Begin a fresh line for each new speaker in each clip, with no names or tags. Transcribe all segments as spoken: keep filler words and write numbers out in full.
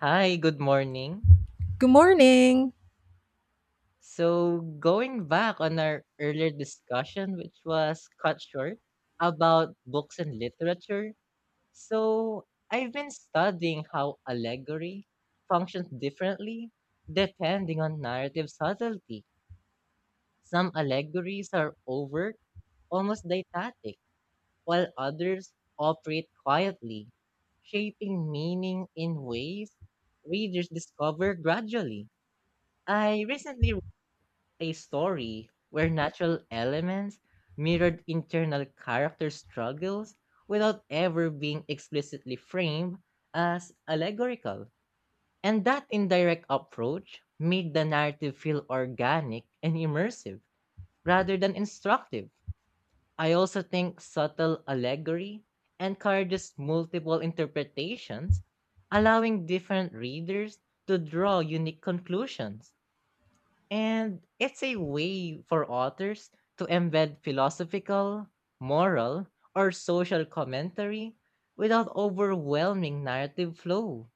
Hi, good morning.
Good morning.
So, going back on our earlier discussion, which was cut short, about books and literature. So, I've been studying how allegory functions differently depending on narrative subtlety. Some allegories are overt, almost didactic, while others operate quietly, shaping meaning in ways readers discover gradually. I recently a story where natural elements mirrored internal character struggles without ever being explicitly framed as allegorical. And that indirect approach made the narrative feel organic and immersive rather than instructive. I also think subtle allegory encourages multiple interpretations, allowing different readers to draw unique conclusions. And it's a way for authors to embed philosophical, moral, or social commentary without overwhelming narrative flow.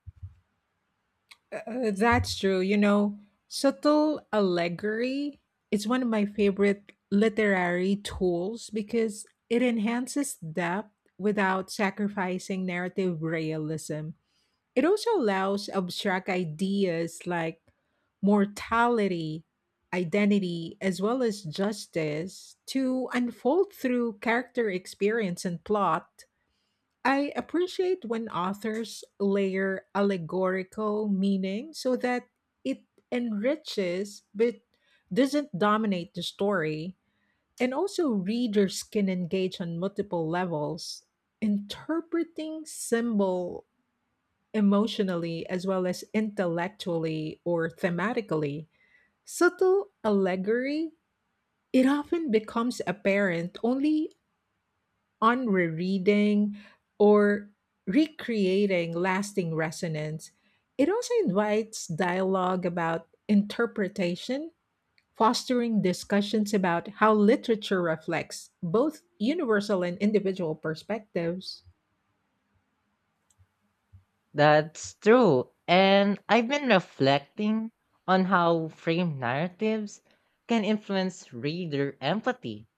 Uh, that's true. You know, subtle allegory is one of my favorite literary tools because it enhances depth without sacrificing narrative realism. It also allows abstract ideas like mortality, identity, as well as justice to unfold through character experience and plot. I appreciate when authors layer allegorical meaning so that it enriches but doesn't dominate the story. And also, readers can engage on multiple levels, interpreting symbol emotionally as well as intellectually or thematically. Subtle allegory, it often becomes apparent only on rereading or recreating lasting resonance. It also invites dialogue about interpretation fostering discussions about how literature reflects both universal and individual perspectives.
That's true. And I've been reflecting on how framed narratives can influence reader empathy.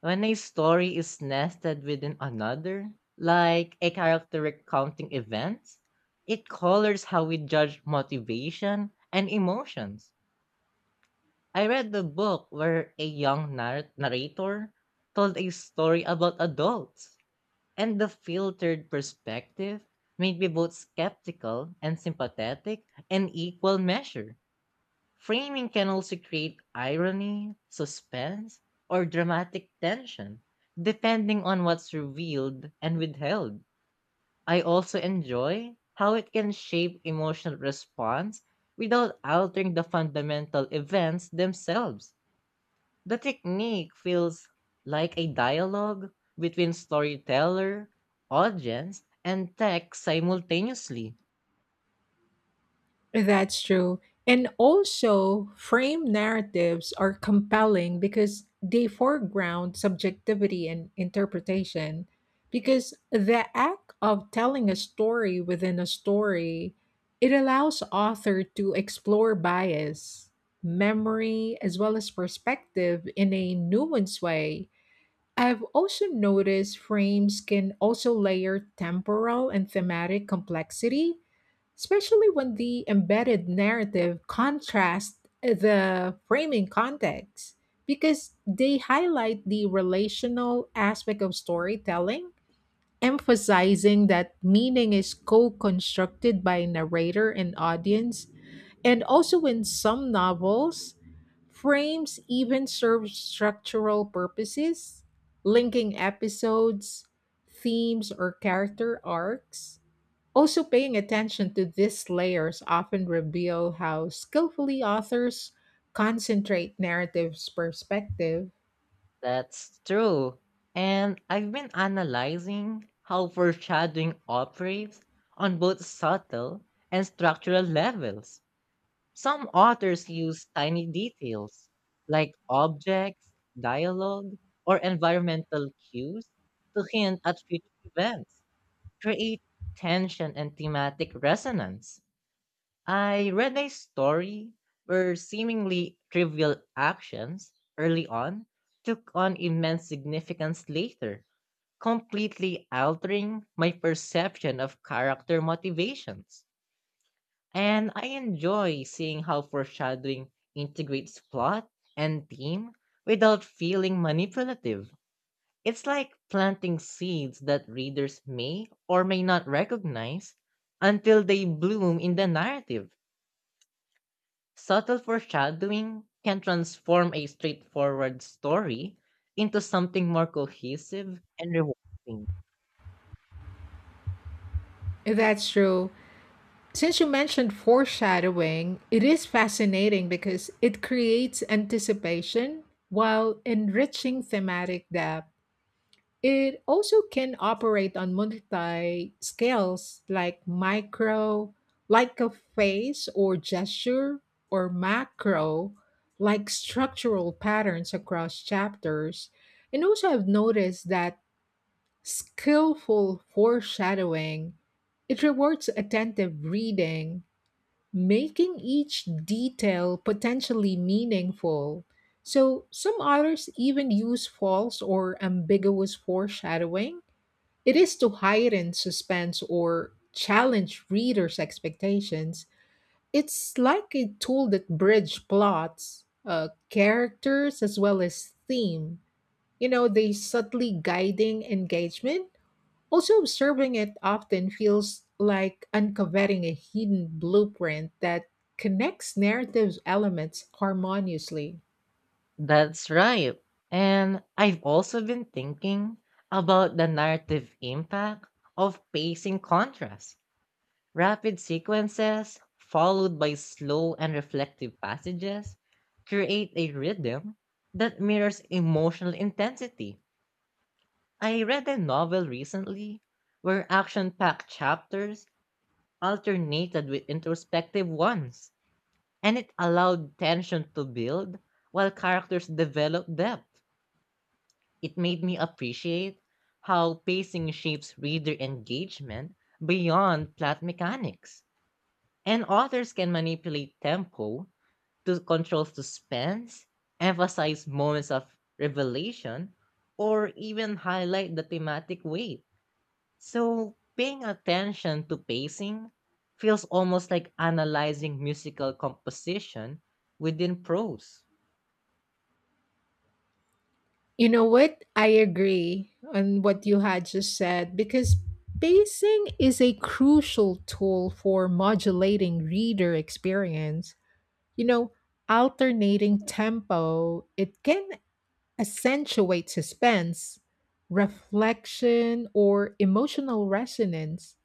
When a story is nested within another, like a character recounting events, it colors how we judge motivation and emotions. I read the book where a young nar- narrator told a story about adults, and the filtered perspective made me both skeptical and sympathetic in equal measure. Framing can also create irony, suspense, or dramatic tension, depending on what's revealed and withheld. I also enjoy how it can shape emotional response without altering the fundamental events themselves. The technique feels like a dialogue between storyteller, audience, and tech simultaneously.
That's true. And also, frame narratives are compelling because they foreground subjectivity and interpretation. Because the act of telling a story within a story, it allows author to explore bias, memory, as well as perspective in a nuanced way. I've also noticed frames can also layer temporal and thematic complexity, especially when the embedded narrative contrasts the framing context, because they highlight the relational aspect of storytelling, emphasizing that meaning is co constructed by narrator and audience and also, in some novels, frames even serve structural purposes, linking episodes, themes, or character arcs. Also, paying attention to these layers often reveal how skillfully authors concentrate narrative's perspective.
That's true. And I've been analyzing how foreshadowing operates on both subtle and structural levels. Some authors use tiny details like objects, dialogue, or environmental cues to hint at future events, create tension and thematic resonance. I read a story where seemingly trivial actions early on took on immense significance later, completely altering my perception of character motivations. And I enjoy seeing how foreshadowing integrates plot and theme without feeling manipulative. It's like planting seeds that readers may or may not recognize until they bloom in the narrative. Subtle foreshadowing can transform a straightforward story into something more cohesive and rewarding.
That's true. Since you mentioned foreshadowing, it is fascinating because it creates anticipation while enriching thematic depth. It also can operate on multi scales like micro, like a face or gesture, or macro, like structural patterns across chapters. And also, I've noticed that skillful foreshadowing it rewards attentive reading making each detail potentially meaningful. So, some authors even use false or ambiguous foreshadowing. It is to heighten suspense or challenge readers' expectations. It's like a tool that bridge plots, uh, characters, as well as theme. You know, they subtly guiding engagement also, observing it often feels like uncovering a hidden blueprint that connects narrative elements harmoniously.
That's right. And I've also been thinking about the narrative impact of pacing contrast. Rapid sequences, followed by slow and reflective passages, create a rhythm that mirrors emotional intensity. I read a novel recently where action packed chapters alternated with introspective ones, and it allowed tension to build while characters developed depth. It made me appreciate how pacing shapes reader engagement beyond plot mechanics. And authors can manipulate tempo to control suspense, emphasize moments of revelation, or even highlight the thematic weight. So paying attention to pacing feels almost like analyzing musical composition within prose.
You know what? I agree on what you had just said because pacing is a crucial tool for modulating reader experience. You know, alternating tempo, it can accentuate suspense, reflection, or emotional resonance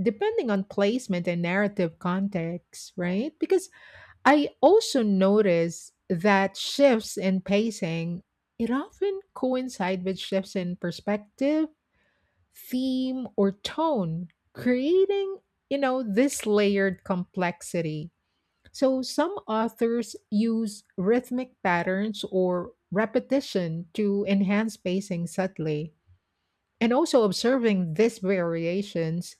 depending on placement and narrative context, right? Because I also notice that shifts in pacing, it often coincide with shifts in perspective, theme, or tone, creating, you know, this layered complexity. So some authors use rhythmic patterns or repetition to enhance pacing subtly. And also observing these variations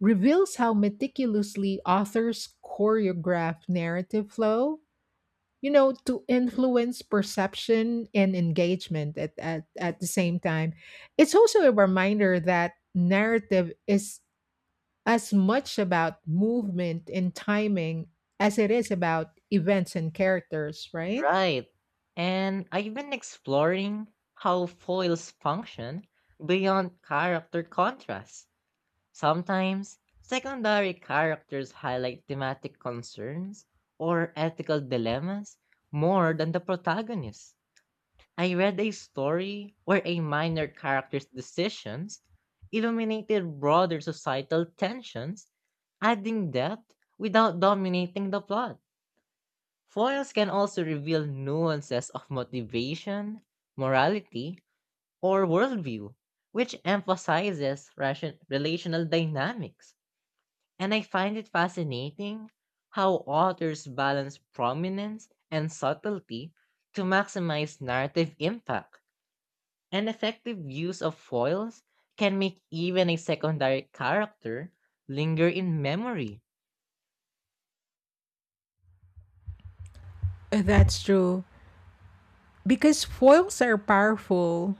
reveals how meticulously authors choreograph narrative flow, you know, to influence perception and engagement at, at, at the same time. It's also a reminder that narrative is as much about movement and timing as it is about events and characters, right?
Right. And I've been exploring how foils function beyond character contrast. Sometimes, secondary characters highlight thematic concerns or ethical dilemmas more than the protagonist. I read a story where a minor character's decisions illuminated broader societal tensions, adding depth without dominating the plot. Foils can also reveal nuances of motivation, morality, or worldview, which emphasizes ration- relational dynamics. And I find it fascinating how authors balance prominence and subtlety to maximize narrative impact. An effective use of foils can make even a secondary character linger in memory.
Uh, That's true. Because foils are powerful,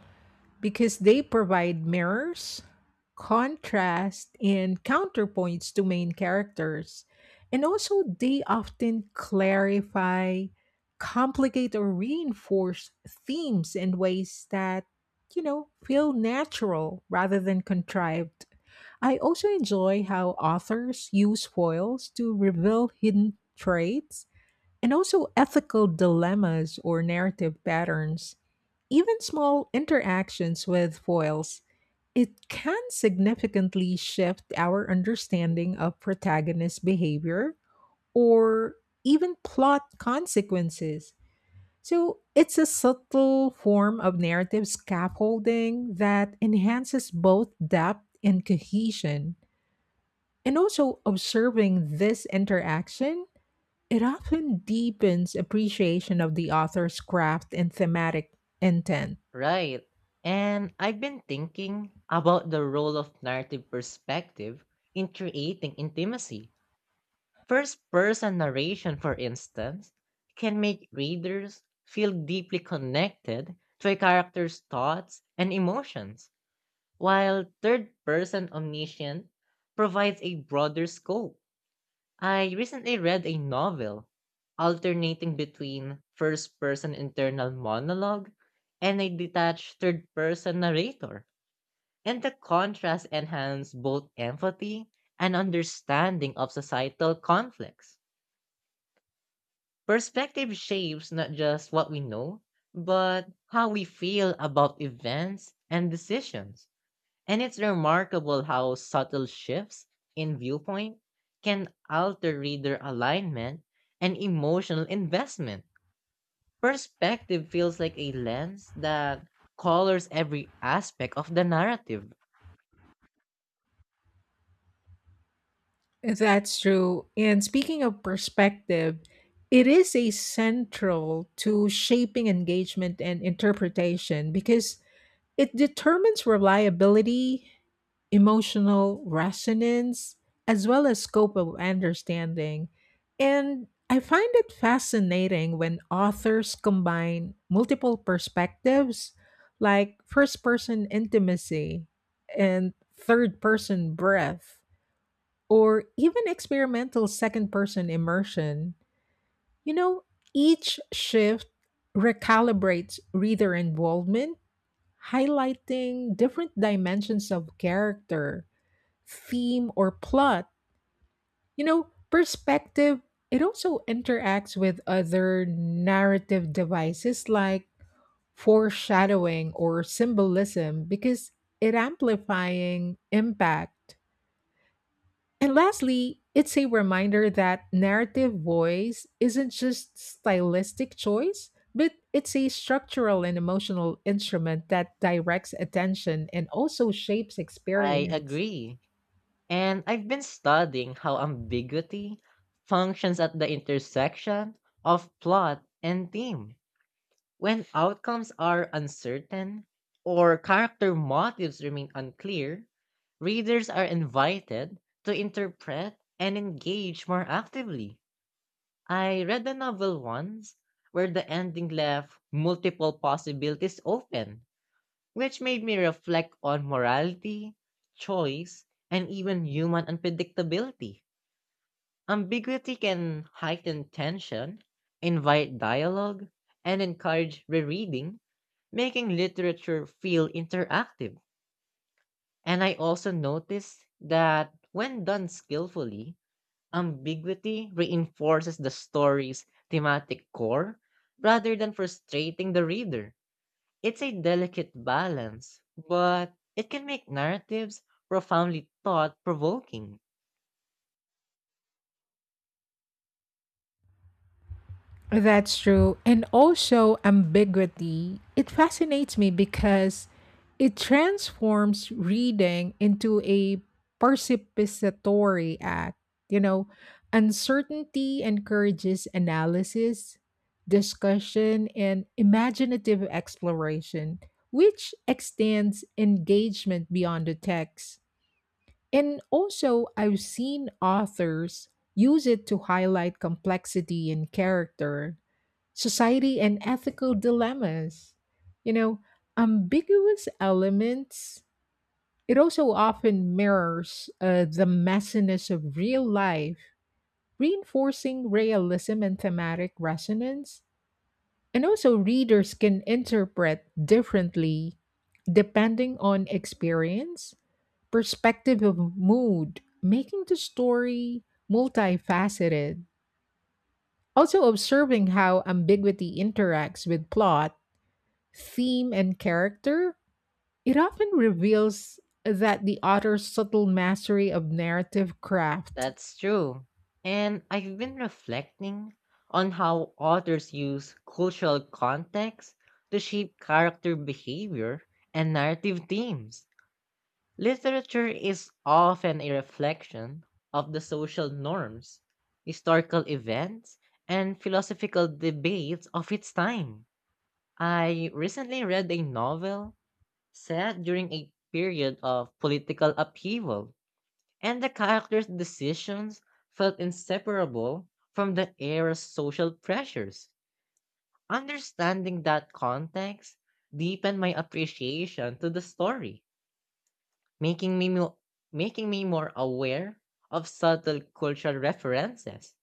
because they provide mirrors, contrast, and counterpoints to main characters. And also, they often clarify, complicate, or reinforce themes in ways that, you know, feel natural rather than contrived. I also enjoy how authors use foils to reveal hidden traits and also ethical dilemmas or narrative patterns, even small interactions with foils, it can significantly shift our understanding of protagonist behavior or even plot consequences. So it's a subtle form of narrative scaffolding that enhances both depth and cohesion. And also observing this interaction it often deepens appreciation of the author's craft and thematic intent.
Right. And I've been thinking about the role of narrative perspective in creating intimacy. First person narration, for instance, can make readers feel deeply connected to a character's thoughts and emotions, while third person omniscient provides a broader scope. I recently read a novel alternating between first person internal monologue and a detached third person narrator, and the contrast enhanced both empathy and understanding of societal conflicts. Perspective shapes not just what we know, but how we feel about events and decisions. And it's remarkable how subtle shifts in viewpoint can alter reader alignment and emotional investment. Perspective feels like a lens that colors every aspect of the narrative.
That's true. And speaking of perspective, it is a central to shaping engagement and interpretation because it determines reliability, emotional resonance, as well as scope of understanding. And I find it fascinating when authors combine multiple perspectives, like first person intimacy and third person breath, or even experimental second person immersion. You know, each shift recalibrates reader involvement highlighting different dimensions of character, theme, or plot. You know, perspective, it also interacts with other narrative devices like foreshadowing or symbolism because it amplifying impact. And lastly, it's a reminder that narrative voice isn't just stylistic choice, but it's a structural and emotional instrument that directs attention and also shapes
I
experience.
agree. And I've been studying how ambiguity functions at the intersection of plot and theme. When outcomes are uncertain or character motives remain unclear, readers are invited to interpret and engage more actively. I read a novel once where the ending left multiple possibilities open, which made me reflect on morality, choice, and even human unpredictability. Ambiguity can heighten tension, invite dialogue, and encourage rereading, making literature feel interactive. And I also noticed that when done skillfully, ambiguity reinforces the story's thematic core rather than frustrating the reader. It's a delicate balance, but it can make narratives profoundly thought provoking.
That's true. And also, ambiguity. It fascinates me because it transforms reading into a participatory act. You know, uncertainty encourages analysis, discussion, and imaginative exploration, which extends engagement beyond the text. And also, I've seen authors use it to highlight complexity in character society and ethical dilemmas. You know, ambiguous elements, it also often mirrors uh, the messiness of real life, reinforcing realism and thematic resonance. And also, readers can interpret differently depending on experience, perspective of mood, making the story multifaceted. Also, observing how ambiguity interacts with plot theme and character, it often reveals that the author's subtle mastery of narrative craft.
That's true. And I've been reflecting on how authors use cultural context to shape character behavior and narrative themes. Literature is often a reflection of the social norms, historical events, and philosophical debates of its time. I recently read a novel set during a period of political upheaval and the character's decisions felt inseparable from the era's social pressures. Understanding that context deepened my appreciation to the story, making me mo- making me more aware of subtle cultural references.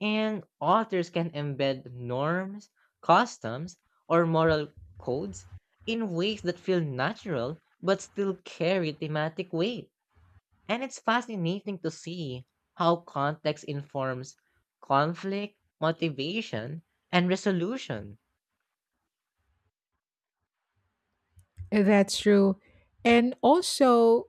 And authors can embed norms, customs, or moral codes in ways that feel natural but still carry thematic weight, and it's fascinating to see how context informs conflict, motivation, and resolution.
That's true. And also,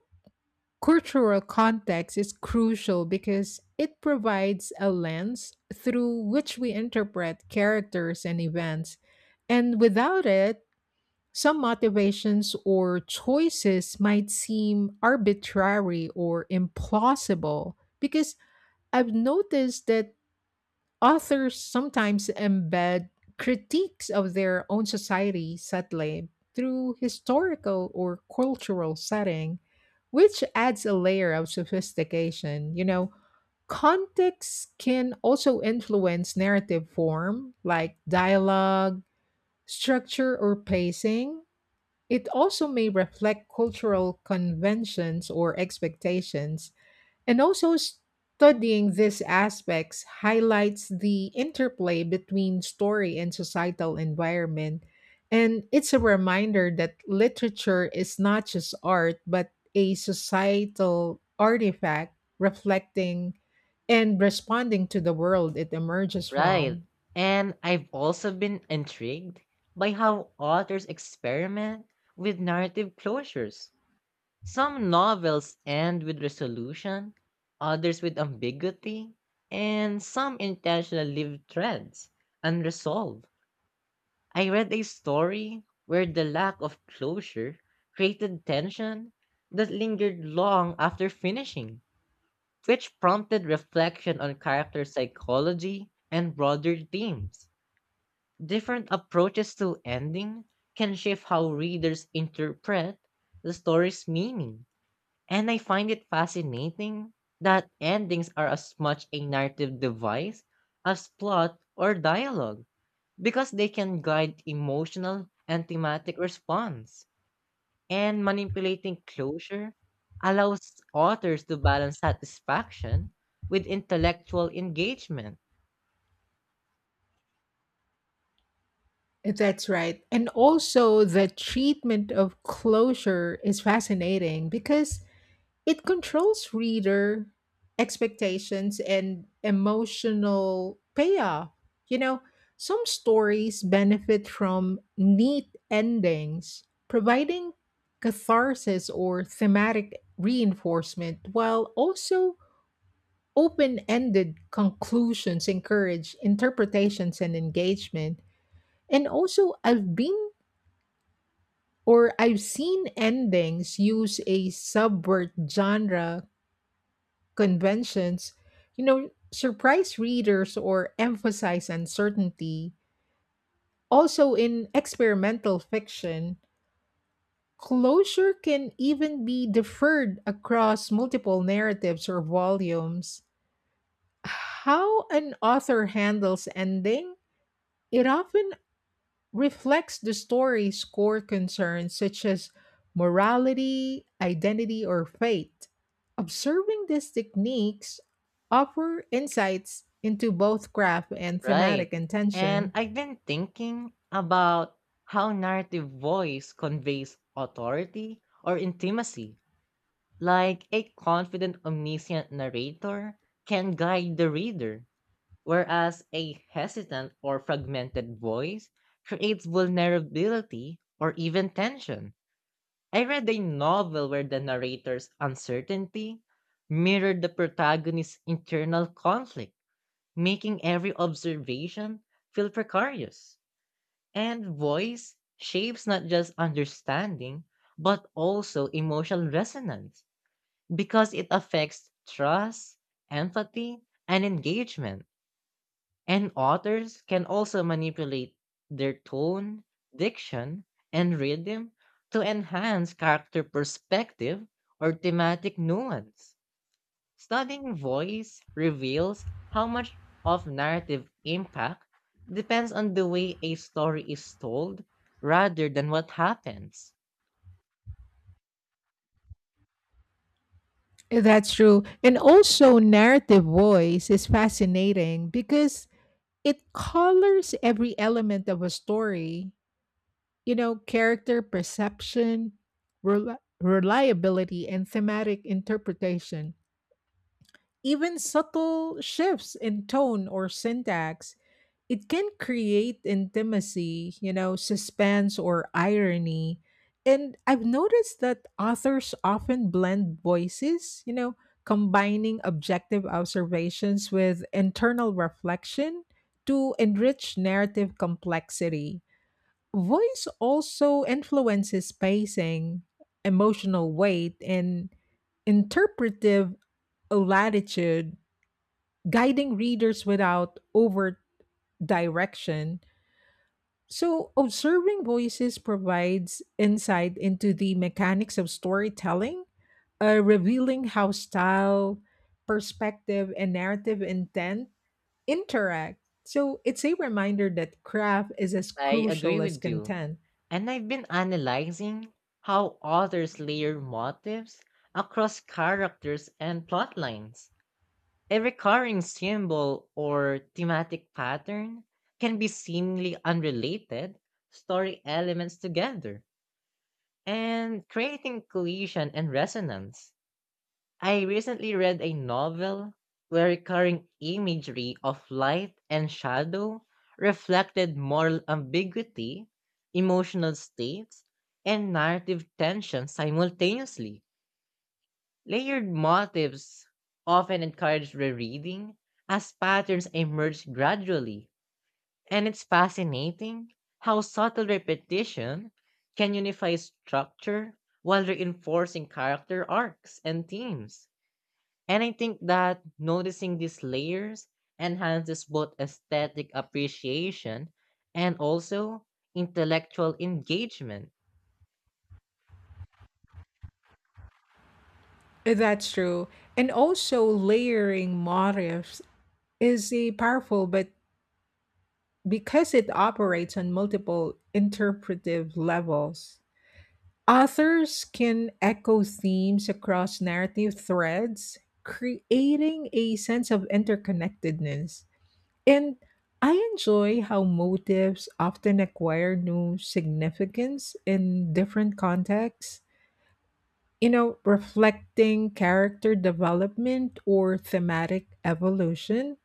cultural context is crucial because it provides a lens through which we interpret characters and events. And without it, some motivations or choices might seem arbitrary or implausible because I've noticed that authors sometimes embed critiques of their own society subtly through historical or cultural setting, which adds a layer of sophistication. You know, context can also influence narrative form, like dialogue, structure, or pacing. It also may reflect cultural conventions or expectations, and also, studying these aspects highlights the interplay between story and societal environment. And it's a reminder that literature is not just art, but a societal artifact reflecting and responding to the world it emerges
Right.
from.
And I've also been intrigued by how authors experiment with narrative closures. Some novels end with resolution, others with ambiguity, and some intentionally leave threads unresolved. I read a story where the lack of closure created tension that lingered long after finishing, which prompted reflection on character psychology and broader themes. Different approaches to ending can shift how readers interpret the story's meaning, and I find it fascinating that endings are as much a narrative device as plot or dialogue because they can guide emotional and thematic response. And manipulating closure allows authors to balance satisfaction with intellectual engagement,
That's right. And also, the treatment of closure is fascinating because it controls reader expectations and emotional payoff. You know, some stories benefit from neat endings, providing catharsis or thematic reinforcement, while also open ended conclusions encourage interpretations and engagement. And also, I've been or I've seen endings use a subvert genre conventions, you know, surprise readers or emphasize uncertainty. Also, in experimental fiction, closure can even be deferred across multiple narratives or volumes. How an author handles ending, it often reflects the story's core concerns, such as morality, identity, or fate. Observing these techniques offer insights into both craft and
right?
thematic
And
intention.
I've been thinking about how narrative voice conveys authority or intimacy. Like a confident, omniscient narrator can guide the reader, whereas a hesitant or fragmented voice creates vulnerability or even tension. I read a novel where the narrator's uncertainty mirrored the protagonist's internal conflict, making every observation feel precarious. And voice shapes not just understanding, but also emotional resonance because it affects trust, empathy, and engagement. And authors can also manipulate their tone, diction, and rhythm to enhance character perspective or thematic nuance. Studying voice reveals how much of narrative impact depends on the way a story is told rather than what happens.
That's true. And also, narrative voice is fascinating because it colors every element of a story, you know, character perception, rel- reliability, and thematic interpretation. Even subtle shifts in tone or syntax, it can create intimacy, you know, suspense or irony. And I've noticed that authors often blend voices, you know, combining objective observations with internal reflection to enrich narrative complexity. Voice also influences pacing, emotional weight, and interpretive latitude guiding readers without overt direction. So, observing voices provides insight into the mechanics of storytelling, uh, revealing how style, perspective, and narrative intent interact. So, it's a reminder that craft is as
I agree
crucial as
with you.
content.
And I've been analyzing how authors layer motives across characters and plotlines. A recurring symbol or thematic pattern can be seemingly unrelated story elements together and creating cohesion and resonance. I recently read a novel where recurring imagery of light and shadow reflected moral ambiguity, emotional states, and narrative tension simultaneously. Layered motifs often encourage rereading as patterns emerge gradually, and it's fascinating how subtle repetition can unify structure while reinforcing character arcs and themes. And I think that noticing these layers enhances both aesthetic appreciation and also intellectual engagement.
That's true. And also, layering motifs is a powerful but because it operates on multiple interpretive levels, authors can echo themes across narrative threads, creating a sense of interconnectedness. And I enjoy how motives often acquire new significance in different contexts, you know, reflecting character development or thematic evolution.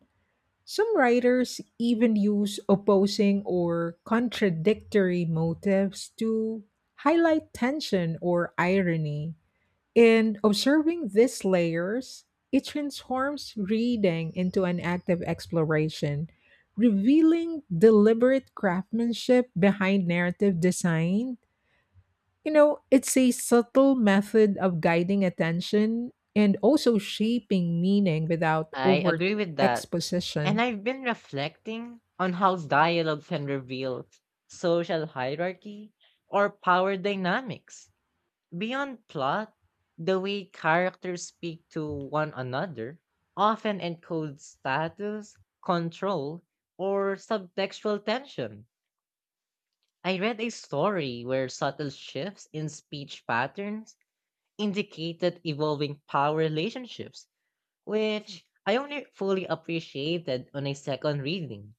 Some writers even use opposing or contradictory motives to highlight tension or irony. In observing these layers, it transforms reading into an active exploration, revealing deliberate craftsmanship behind narrative design. You know, it's a subtle method of guiding attention and also shaping meaning without
I
overt
agree with that. And
exposition.
I've been reflecting on how dialogue can reveal social hierarchy or power dynamics. Beyond plot, the way characters speak to one another often encodes status, control, or subtextual tension. I read a story where subtle shifts in speech patterns indicated evolving power relationships which I only fully appreciated on a second reading.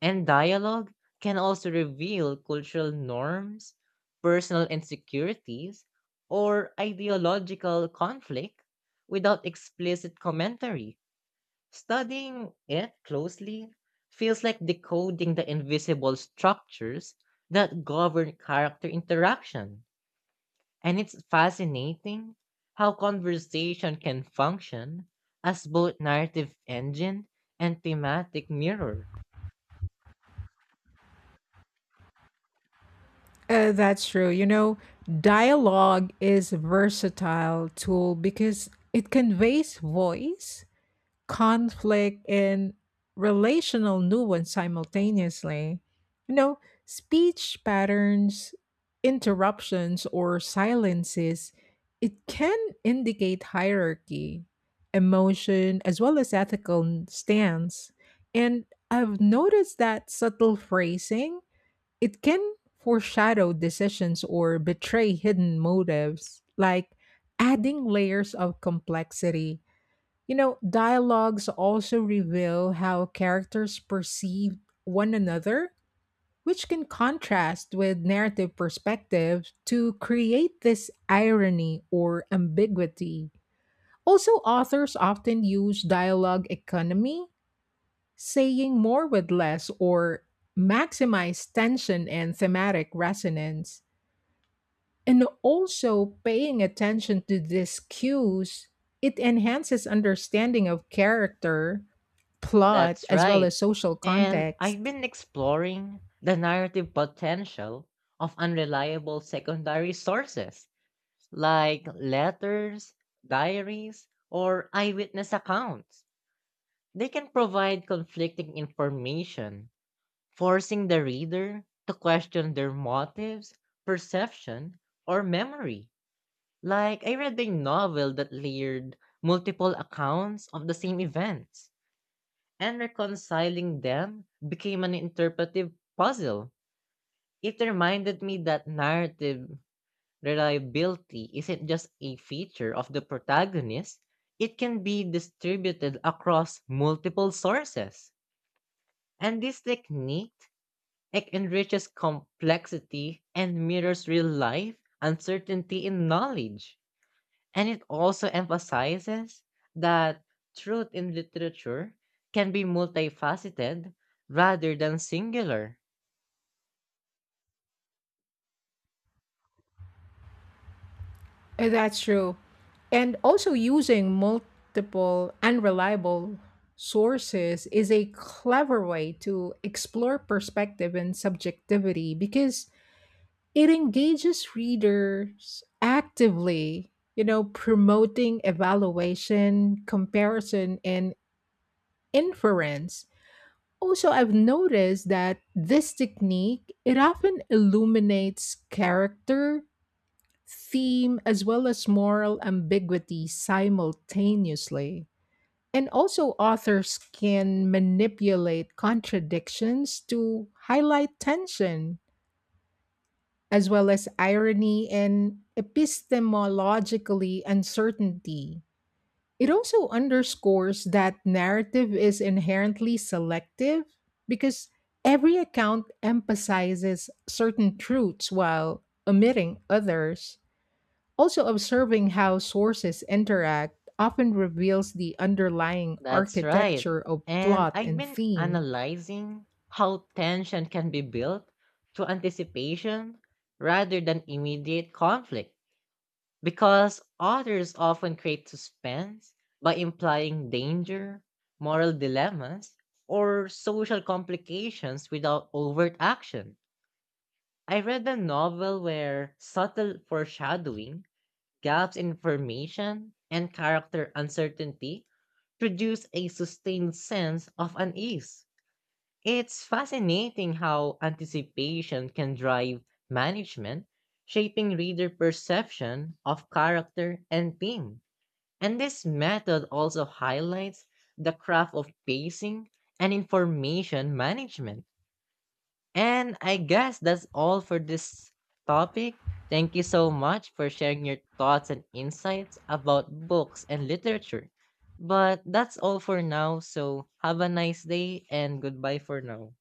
And dialogue can also reveal cultural norms, personal insecurities, or ideological conflict without explicit commentary. Studying it closely feels like decoding the invisible structures that govern character interaction. And it's fascinating how conversation can function as both narrative engine and thematic mirror.
Uh, that's true. You know, dialogue is a versatile tool because it conveys voice, conflict, and relational nuance simultaneously. You know, speech patterns, interruptions, or silences, it can indicate hierarchy, emotion, as well as ethical stance. And I've noticed that subtle phrasing it can foreshadow decisions or betray hidden motives, like adding layers of complexity. You know, dialogues also reveal how characters perceive one another, which can contrast with narrative perspectives to create this irony or ambiguity. Also, authors often use dialogue economy saying more with less or maximize tension and thematic resonance. And also paying attention to these cues, it enhances understanding of character, plot,
That's
as well
right.
as social
And I've
context.
been exploring the narrative potential of unreliable secondary sources like letters, diaries, or eyewitness accounts. They can provide conflicting information forcing the reader to question their motives, perception, or memory. Like, I read a novel that layered multiple accounts of the same events, and reconciling them became an interpretive puzzle. It reminded me that narrative reliability isn't just a feature of the protagonist, it can be distributed across multiple sources. And this technique, it enriches complexity and mirrors real life uncertainty in knowledge. And it also emphasizes that truth in literature can be multifaceted rather than singular.
Uh, That's true. And also using multiple unreliable sources is a clever way to explore perspective and subjectivity because it engages readers actively, you know, promoting evaluation, comparison, and inference. Also, I've noticed that this technique, it often illuminates character, theme, as well as moral ambiguity simultaneously. And also, authors can manipulate contradictions to highlight tension as well as irony and epistemologically uncertainty. It also underscores that narrative is inherently selective because every account emphasizes certain truths while omitting others. Also, observing how sources interact often reveals the underlying
That's right.
architecture of
And
plot
I've
and
been
theme.
analyzing how tension can be built through anticipation rather than immediate conflict. Because authors often create suspense by implying danger, moral dilemmas, or social complications without overt action. I read a novel where subtle foreshadowing, gaps in information, and character uncertainty produce a sustained sense of unease. It's fascinating how anticipation can drive management, shaping reader perception of character and theme. And this method also highlights the craft of pacing and information management. And I guess that's all for this topic. Thank you so much for sharing your thoughts and insights about books and literature. But that's all for now. So have a nice day and goodbye for now.